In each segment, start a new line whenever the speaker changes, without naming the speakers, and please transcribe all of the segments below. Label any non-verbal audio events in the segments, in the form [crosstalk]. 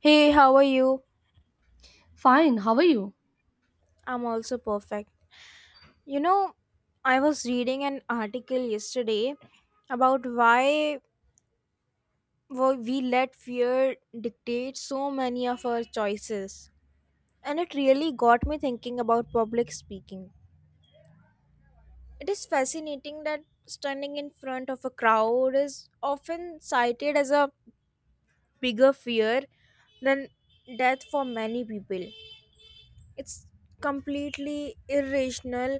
Hey, how are you?
Fine, how are you?
I'm also perfect. You know, I was reading an article yesterday about why we let fear dictate so many of our choices, and it really got me thinking about public speaking. It is fascinating that standing in front of a crowd is often cited as a bigger fear than death for many people. It's completely irrational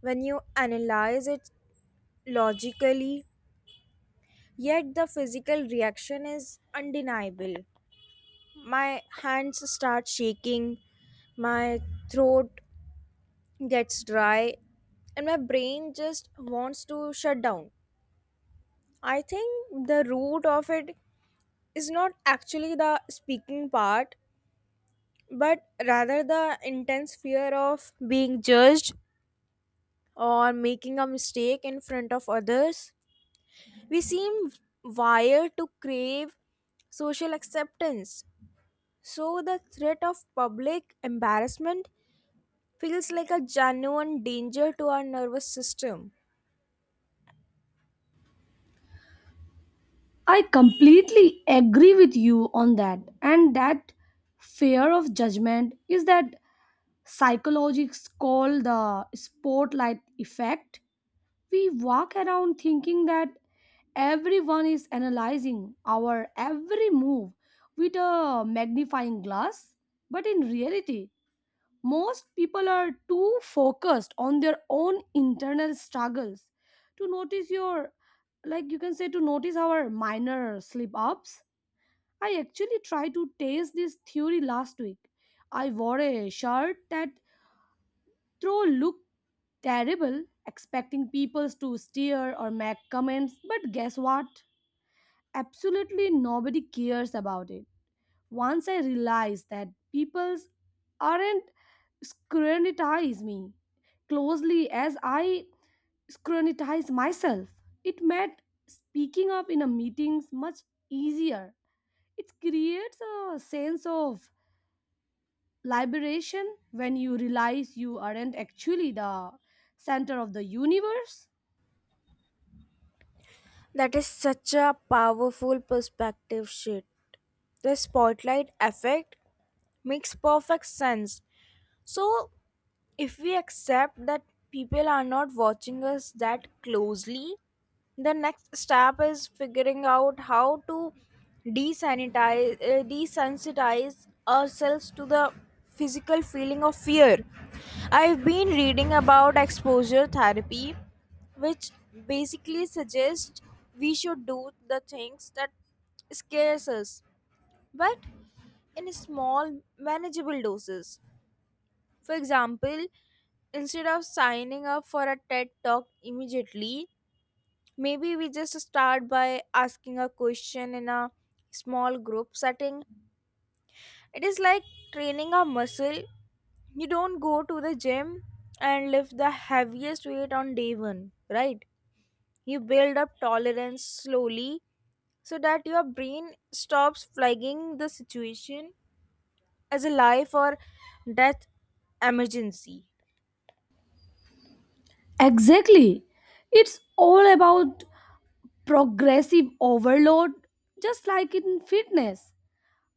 when you analyze it logically, yet the physical reaction is undeniable. My hands start shaking, my throat gets dry, and my brain just wants to shut down. I think the root of it is not actually the speaking part, but rather the intense fear of being judged or making a mistake in front of others. We seem wired to crave social acceptance. So the threat of public embarrassment feels like a genuine danger to our nervous system.
I completely agree with you on that. And that fear of judgment is that psychologists call the spotlight effect. We walk around thinking that everyone is analyzing our every move with a magnifying glass, but in reality, most people are too focused on their own internal struggles to notice your, like you can say, to notice our minor slip ups. I actually tried to taste this theory last week. I wore a shirt that throw looked terrible, expecting people to stare or make comments, but guess what? Absolutely nobody cares about it once I realized that people aren't scrutinize me closely as I scrutinize myself. It made speaking up in a meetings much easier. It creates a sense of liberation when you realize you aren't actually the center of the universe.
That is such a powerful perspective shift. The spotlight effect makes perfect sense. So if we accept that people are not watching us that closely, the next step is figuring out how to desanitize desensitize ourselves to the physical feeling of fear. I've been reading about exposure therapy, which basically suggests we should do the things that scares us, but in small manageable doses. For example, instead of signing up for a TED talk immediately, maybe we just start by asking a question in a small group setting. It is like training a muscle. You don't go to the gym and lift the heaviest weight on day one, right? You build up tolerance slowly so that your brain stops flagging the situation as a life or death emergency.
Exactly. It's all about progressive overload, just like in fitness.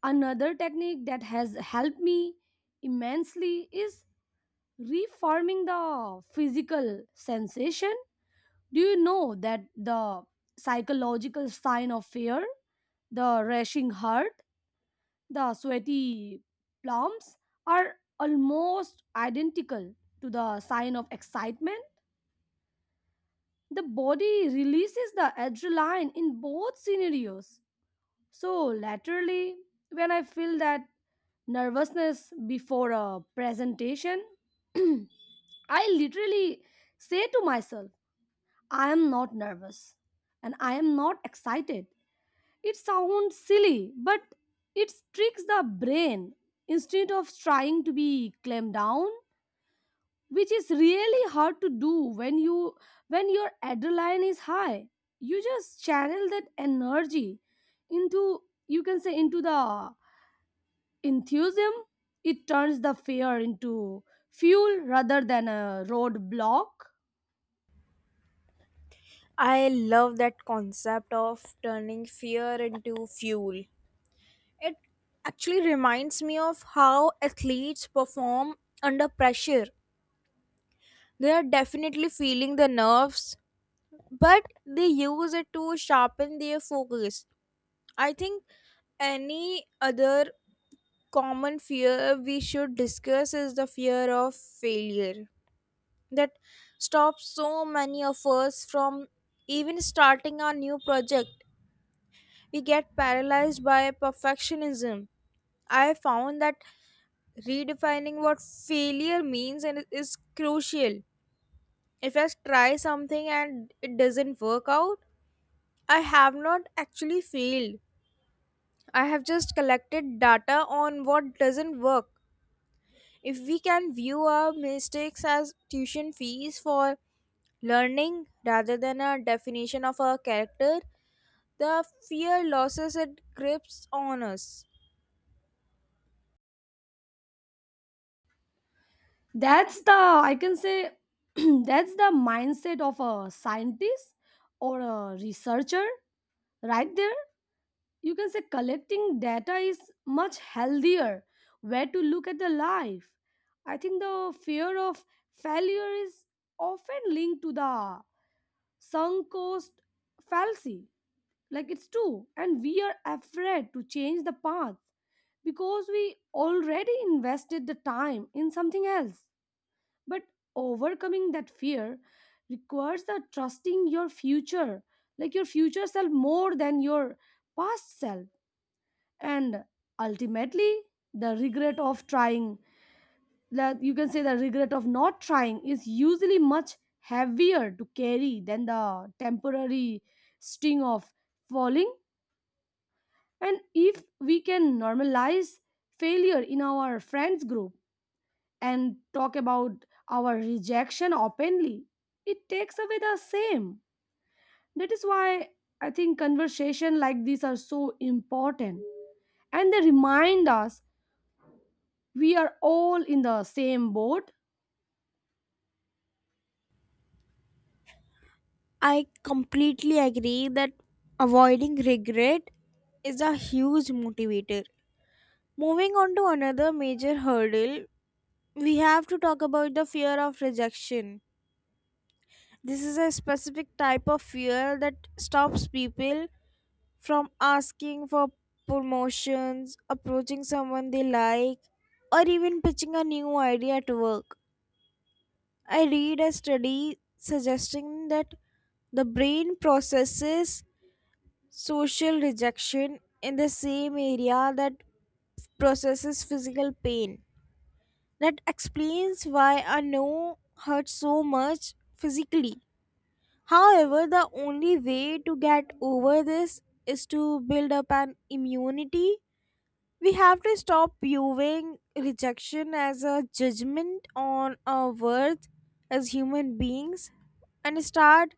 Another technique that has helped me immensely is reforming the physical sensation. Do you know that the psychological sign of fear, the rushing heart, the sweaty palms are almost identical to the sign of excitement? The body releases the adrenaline in both scenarios. So, laterally, when I feel that nervousness before a presentation, [clears throat] I literally say to myself, I am not nervous and I am not excited. It sounds silly, but it tricks the brain instead of trying to be calmed down, which is really hard to do when your adrenaline is high. You just channel that energy into you can say into the enthusiasm. It turns the fear into fuel rather than a roadblock.
I love that concept of turning fear into fuel. It actually reminds me of how athletes perform under pressure. They are definitely feeling the nerves, but they use it to sharpen their focus. I think any other common fear we should discuss is the fear of failure that stops so many of us from even starting our new project. We get paralyzed by perfectionism. I found that redefining what failure means and is crucial. If I try something and it doesn't work out, I have not actually failed. I have just collected data on what doesn't work. If we can view our mistakes as tuition fees for learning rather than a definition of our character, the fear losses it grips on us.
That's the, I can say, [clears throat] That's the mindset of a scientist or a researcher right there. You can say collecting data is much healthier. Where to look at the life. I think the fear of failure is often linked to the sunk cost fallacy, like it's true, and we are afraid to change the path because we already invested the time in something else. But overcoming that fear requires the trusting your future, like your future self, more than your past self. And ultimately, the regret of trying the regret of not trying is usually much heavier to carry than the temporary sting of falling. And if we can normalize failure in our friends group and talk about our rejection openly, it takes away the shame. That is why I think conversation like these are so important and they remind us we are all in the same boat.
I completely agree that avoiding regret is a huge motivator. Moving on to another major hurdle, we have to talk about the fear of rejection. This is a specific type of fear that stops people from asking for promotions, approaching someone they like, or even pitching a new idea at work. I read a study suggesting that the brain processes social rejection in the same area that processes physical pain. That explains why I know hurt so much physically. However, the only way to get over this is to build up an immunity. We have to stop viewing rejection as a judgment on our worth as human beings and start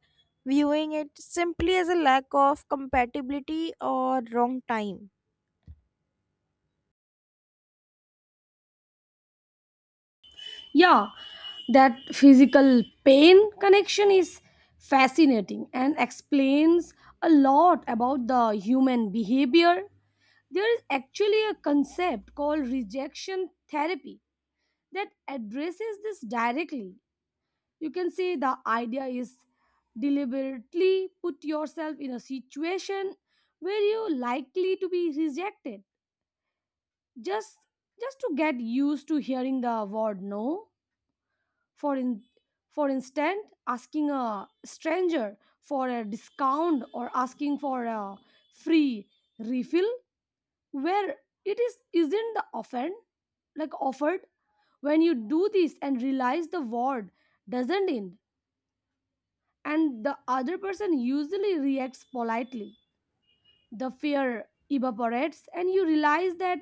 viewing it simply as a lack of compatibility or wrong time.
Yeah, that physical pain connection is fascinating and explains a lot about the human behavior. There is actually a concept called rejection therapy that addresses this directly. You can say the idea is deliberately put yourself in a situation where you're likely to be rejected, just just to get used to hearing the word no, for in, for instance asking a stranger for a discount or asking for a free refill where it is isn't the offend like offered. When you do this and realize the word doesn't end and the other person usually reacts politely, the fear evaporates and you realize that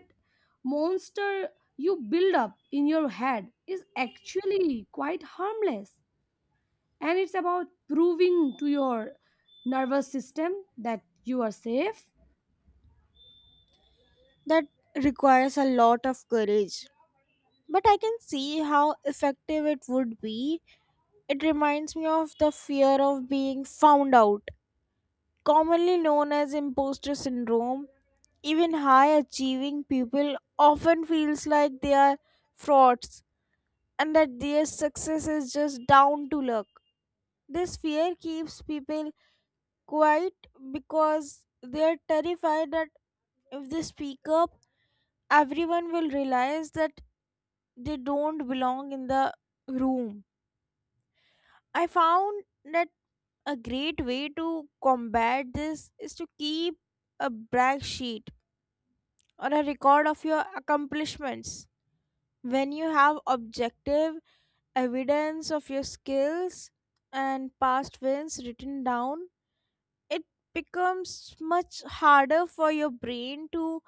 monster you build up in your head is actually quite harmless. And it's about proving to your nervous system that you are safe.
That requires a lot of courage, but I can see how effective it would be. It reminds me of the fear of being found out, commonly known as imposter syndrome. Even high achieving people often feels like they are frauds and that their success is just down to luck. This fear keeps people quiet because they are terrified that if they speak up, everyone will realize that they don't belong in the room. I found that a great way to combat this is to keep a brag sheet or a record of your accomplishments. When you have objective evidence of your skills and past wins written down, it becomes much harder for your brain to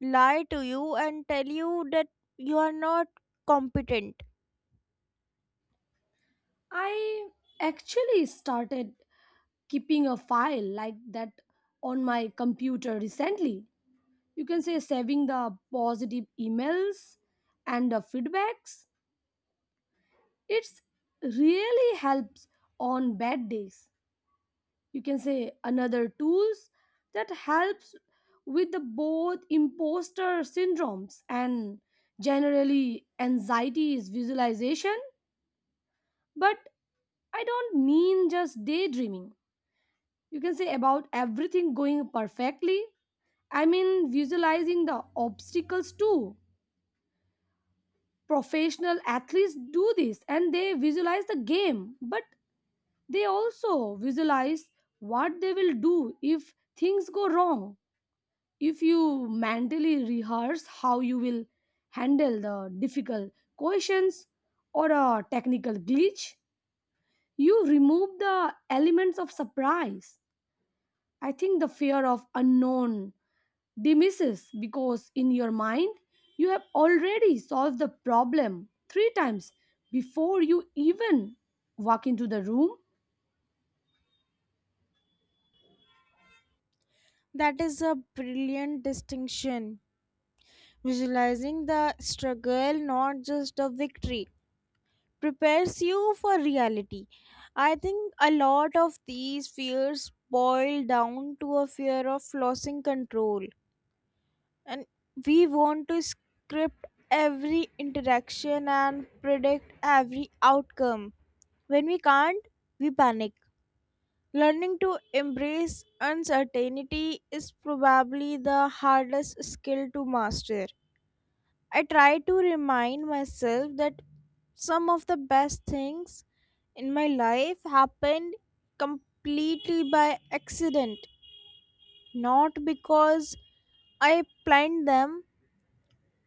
lie to you and tell you that you are not competent.
I actually started keeping a file like that on my computer recently. You can say saving the positive emails and the feedbacks. It's really helps on bad days. You can say another tools that helps with the both imposter syndromes and generally anxiety is visualization. But I don't mean just daydreaming. You can say about everything going perfectly. I mean, visualizing the obstacles too. Professional athletes do this and they visualize the game, but they also visualize what they will do if things go wrong. If you mentally rehearse how you will handle the difficult questions or a technical glitch, you remove the elements of surprise. I think the fear of unknown demises because in your mind you have already solved the problem three times before you even walk into the room.
That is a brilliant distinction. Visualizing the struggle, not just the victory, prepares you for reality. I think a lot of these fears boil down to a fear of losing control, and we want to script every interaction and predict every outcome. When we can't, we panic. Learning to embrace uncertainty is probably the hardest skill to master. I try to remind myself that some of the best things in my life happened completely by accident, not because I planned them.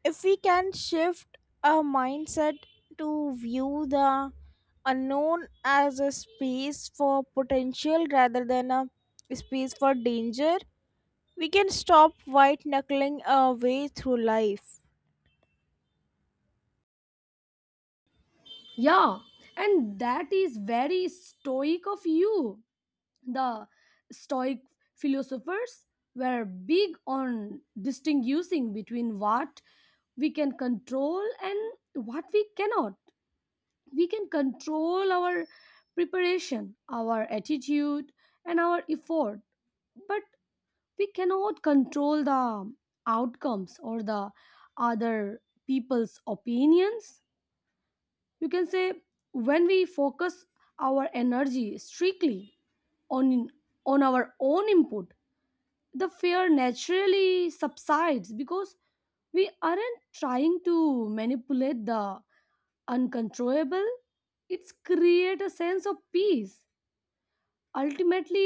If we can shift our mindset to view the unknown as a space for potential rather than a space for danger, we can stop white knuckling our way through life.
Yeah, and that is very stoic of you. The stoic philosophers were big on distinguishing between what we can control and what we cannot. We can control our preparation, our attitude, and our effort, but we cannot control the outcomes or the other people's opinions. You can say when we focus our energy strictly on on our own input, the fear naturally subsides because we aren't trying to manipulate the uncontrollable. It's create a sense of peace. Ultimately,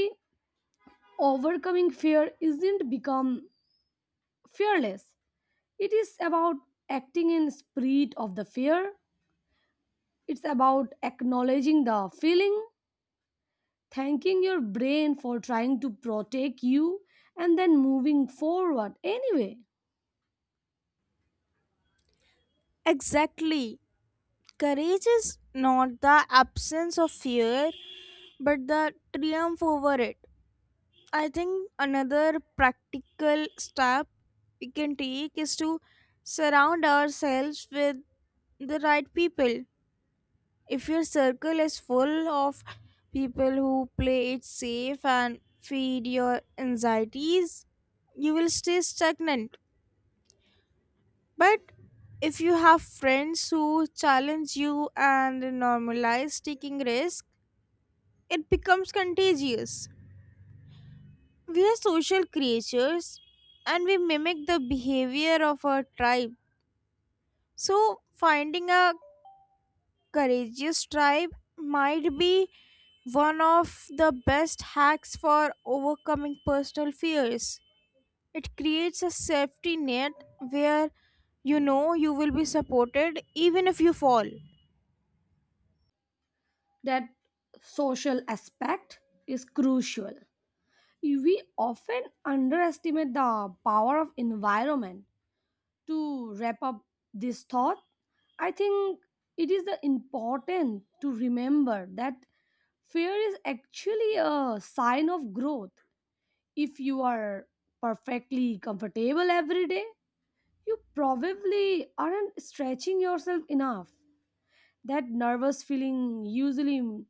overcoming fear isn't become fearless. It is about acting in spirit of the fear. It's about acknowledging the feeling, thanking your brain for trying to protect you, and then moving forward anyway.
Exactly. Courage is not the absence of fear, but the triumph over it. I think another practical step we can take is to surround ourselves with the right people. If your circle is full of people who play it safe and feed your anxieties, you will stay stagnant. But if you have friends who challenge you and normalize taking risks, it becomes contagious. We are social creatures and we mimic the behavior of our tribe. So, finding a courageous tribe might be one of the best hacks for overcoming personal fears. It creates a safety net where you know you will be supported even if you fall.
That social aspect is crucial. We often underestimate the power of environment. To wrap up this thought, I think it is the important to remember that fear is actually a sign of growth. If you are perfectly comfortable every day, you probably aren't stretching yourself enough. That nervous feeling usually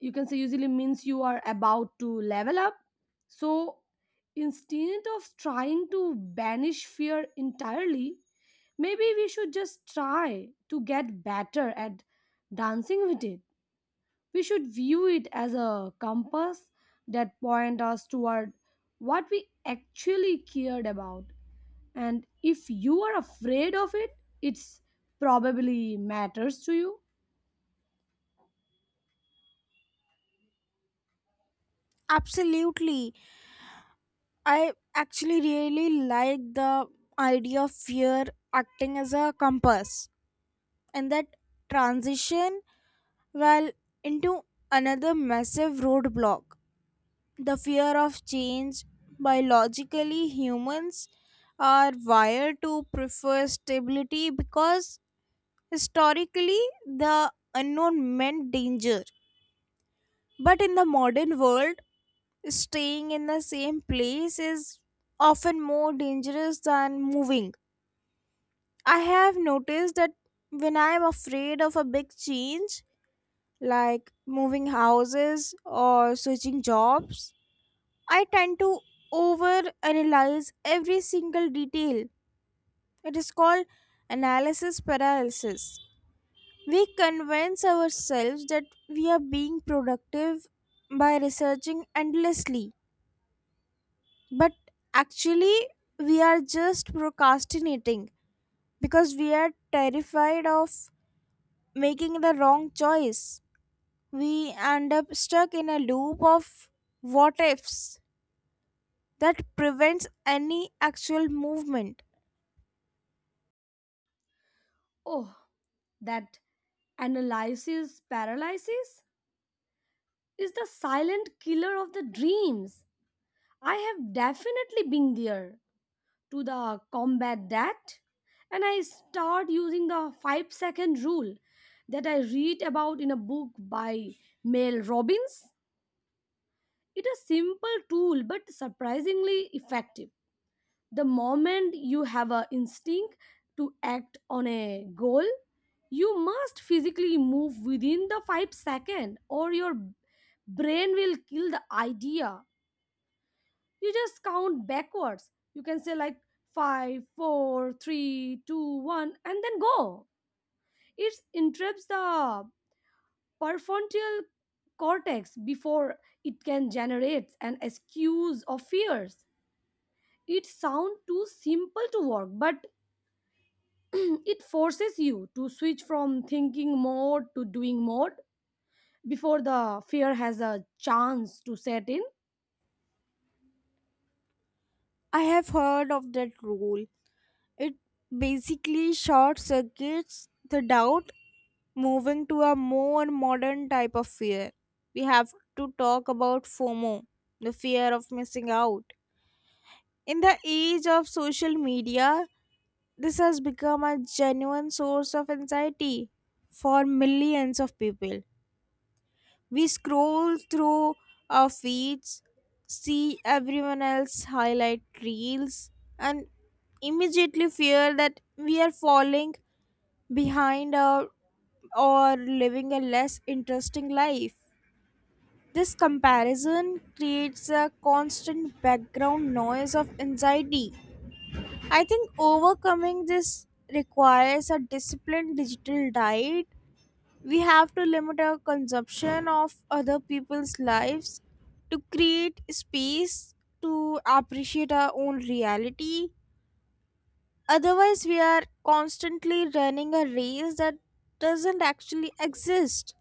you can say usually means you are about to level up. So instead of trying to banish fear entirely, maybe we should just try to get better at dancing with it. We should view it as a compass that point us toward what we actually cared about. And if you are afraid of it, it's probably matters to you.
Absolutely. I actually really like the idea of fear acting as a compass, and that transition well into another massive roadblock, the fear of change. Biologically, humans are wired to prefer stability because historically the unknown meant danger, but in the modern world staying in the same place is often more dangerous than moving. I have noticed that when I am afraid of a big change like moving houses or switching jobs, I tend to overanalyze every single detail. It is called analysis paralysis. We convince ourselves that we are being productive by researching endlessly, but actually, we are just procrastinating because we are terrified of making the wrong choice. We end up stuck in a loop of what ifs that prevents any actual movement.
Oh, that analysis paralysis is the silent killer of the dreams. I have definitely been there. To the combat that, and I start using the 5-second rule that I read about in a book by Mel Robbins. It's a simple tool but surprisingly effective. The moment you have a instinct to act on a goal, you must physically move within the 5 second or your brain will kill the idea. You just count backwards, you can say like five, four, three, two, one, and then go. It interrupts the prefrontal cortex before it can generate an excuse of fears. It sounds too simple to work, but it forces you to switch from thinking mode to doing mode before the fear has a chance to set in.
I have heard of that rule. It basically short circuits the doubt, moving to a more modern type of fear. We have to talk about FOMO, the fear of missing out. In the age of social media, this has become a genuine source of anxiety for millions of people. We scroll through our feeds, see everyone else highlight reels, and immediately fear that we are falling behind or living a less interesting life. This comparison creates a constant background noise of anxiety. I think overcoming this requires a disciplined digital diet. We have to limit our consumption of other people's lives to create space to appreciate our own reality. Otherwise, we are constantly running a race that doesn't actually exist.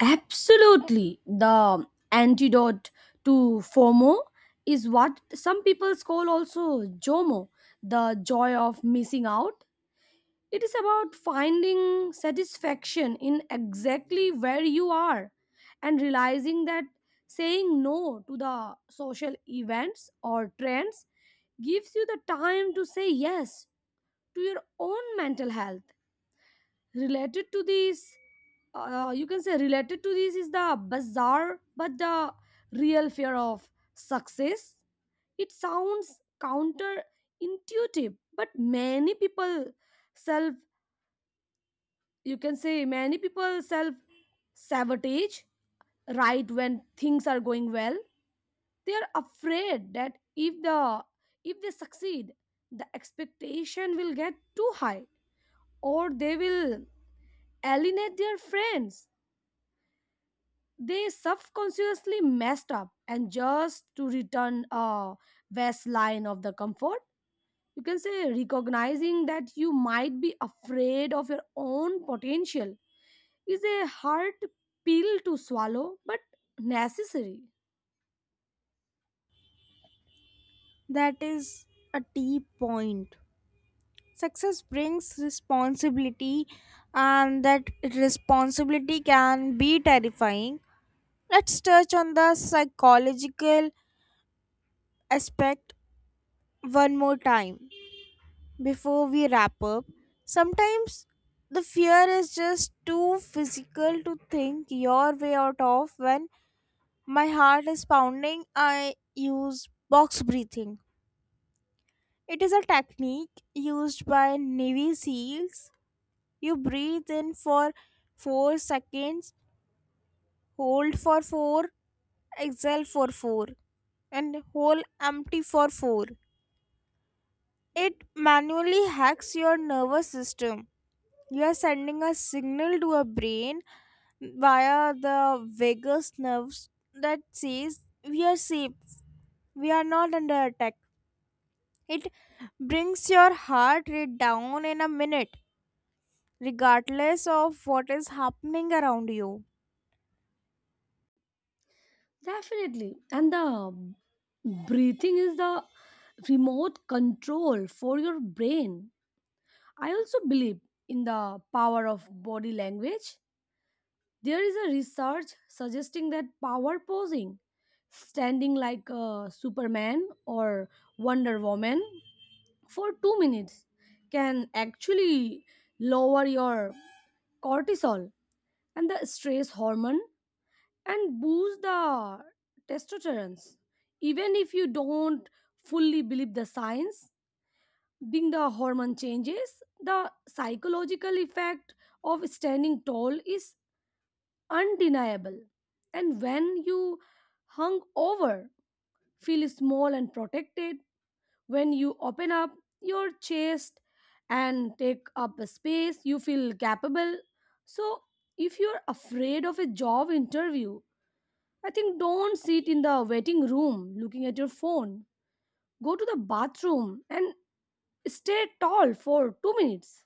Absolutely. The antidote to FOMO is what some people call also JOMO, the joy of missing out. It is about finding satisfaction in exactly where you are and realizing that saying no to the social events or trends gives you the time to say yes to your own mental health. Related to this, Related to this is the bizarre but the real fear of success. It sounds counterintuitive, but self many people self sabotage right when things are going well. They are afraid that if they succeed, the expectation will get too high or they will alienate their friends. They subconsciously messed up and just to return a west line of the comfort. You can say recognizing that you might be afraid of your own potential is a hard pill to swallow, but necessary.
That is a deep point. Success brings responsibility, and that responsibility can be terrifying. Let's touch on the psychological aspect one more time before we wrap up. Sometimes the fear is just too physical to think your way out of. When my heart is pounding, I use box breathing. It is a technique used by Navy SEALs. You breathe in for 4 seconds, hold for 4, exhale for 4, and hold empty for 4. It manually hacks your nervous system. You are sending a signal to our brain via the vagus nerves that says we are safe, we are not under attack. It brings your heart rate down in a minute, regardless of what is happening around you.
Definitely. And the breathing is the remote control for your brain. I also believe in the power of body language. There is a research suggesting that power posing, standing like a Superman or Wonder Woman for 2 minutes, can actually lower your cortisol and the stress hormone and boost the testosterone. Even if you don't fully believe the science, being the hormone changes, the psychological effect of standing tall is undeniable. And when you hung over, feel small and protected. When you open up your chest and take up a space, you feel capable. So, if you're afraid of a job interview, I think don't sit in the waiting room looking at your phone. Go to the bathroom and stay tall for 2 minutes.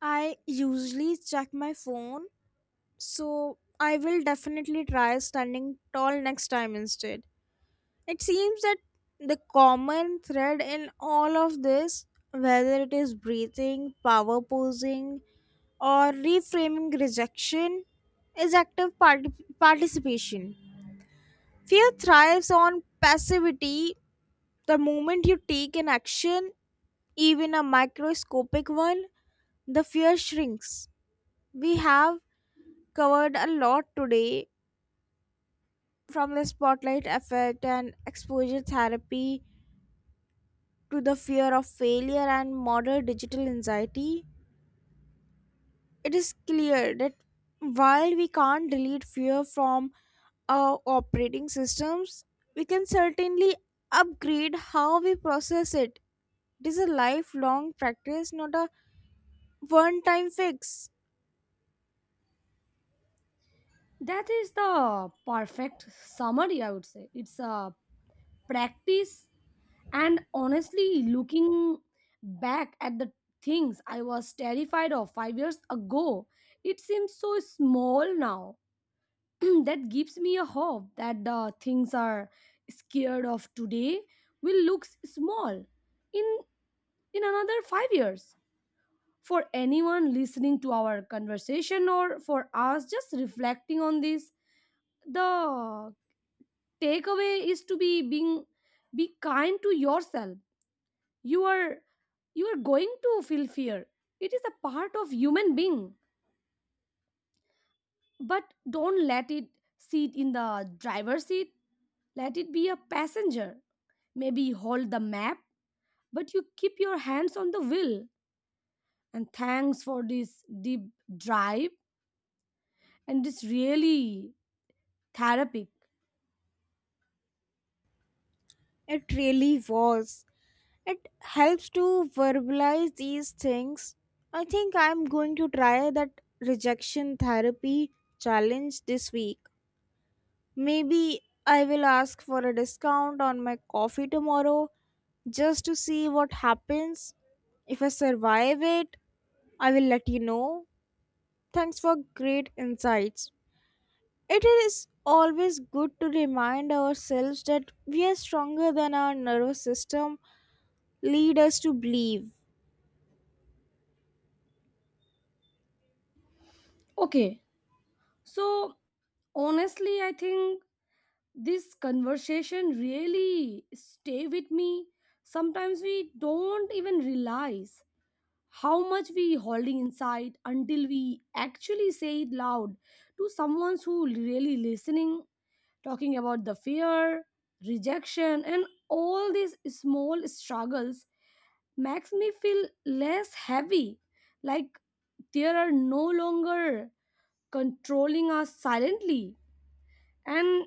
I usually check my phone, so I will definitely try standing tall next time instead. It seems that the common thread in all of this, whether it is breathing, power posing, or reframing rejection, is active participation. Fear thrives on passivity. The moment you take an action, even a microscopic one, the fear shrinks. We have covered a lot today. From the spotlight effect and exposure therapy to the fear of failure and modern digital anxiety, it is clear that while we can't delete fear from our operating systems, we can certainly upgrade how we process it. It is a lifelong practice, not a one time fix.
That is the perfect summary, I would say. It's a practice, and honestly, looking back at the things I was terrified of 5 years ago, it seems so small now. [clears throat] That gives me a hope that the things are scared of today will look small in in another 5 years. For anyone listening to our conversation or for us just reflecting on this, the takeaway is to be kind to yourself. You are you are going to feel fear. It is a part of human being. But don't let it sit in the driver's seat. Let it be a passenger. Maybe hold the map, but you keep your hands on the wheel. And thanks for this deep drive and it's really therapeutic.
It really was. It helps to verbalize these things. I think I'm going to try that rejection therapy challenge this week. Maybe I will ask for a discount on my coffee tomorrow just to see what happens. If I survive it, I will let you know. Thanks for great insights. It is always good to remind ourselves that we are stronger than our nervous system lead us to believe.
Okay, so honestly, I think this conversation really stay with me. Sometimes we don't even realize how much we holding inside until we actually say it loud to someone who really listening, talking about the fear, rejection, and all these small struggles makes me feel less heavy, like they are no longer controlling us silently. And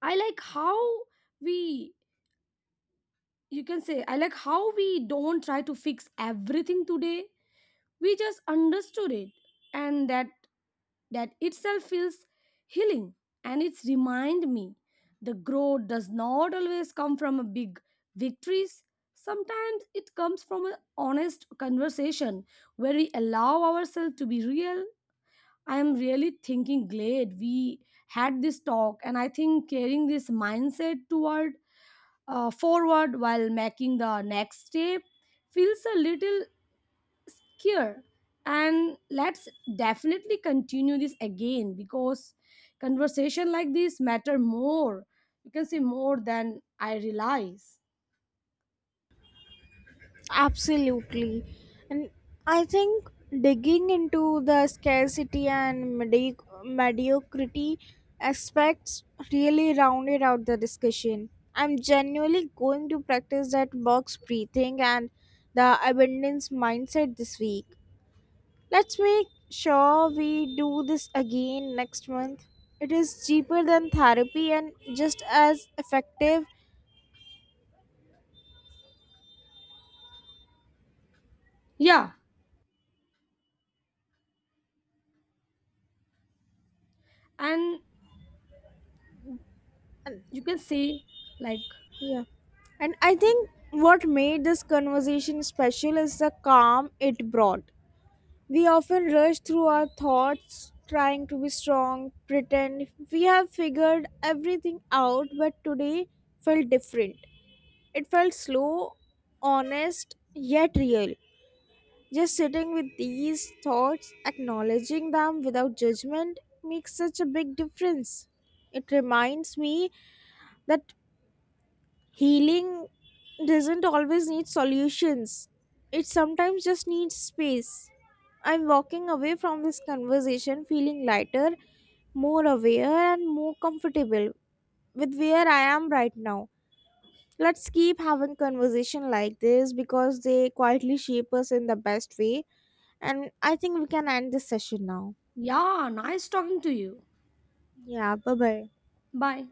I like how we, you can say, I like how we don't try to fix everything today. We just understood it, and that itself feels healing. And it's remind me the growth does not always come from a big victories. Sometimes it comes from an honest conversation where we allow ourselves to be real. I am really thinking glad we had this talk and I think carrying this mindset toward forward while making the next step feels a little care. And let's definitely continue this again because conversation like this matter more you can say more than I realize.
Absolutely. And I think digging into the scarcity and mediocrity aspects really rounded out the discussion. I'm genuinely going to practice that box breathing and the abundance mindset this week. Let's make sure we do this again next month. It is cheaper than therapy and just as effective.
Yeah, and you can say like.
Yeah. And I think what made this conversation special is the calm it brought. We often rush through our thoughts, trying to be strong, pretend we have figured everything out, but today felt different. It felt slow, honest, yet real. Just sitting with these thoughts, acknowledging them without judgment, makes such a big difference. It reminds me that healing doesn't always need solutions, it sometimes just needs space. I'm walking away from this conversation feeling lighter, more aware, and more comfortable with where I am right now. Let's keep having conversation like this because they quietly shape us in the best way. And I think we can end this session now.
Yeah, nice talking to you.
Yeah, bye bye.
Bye.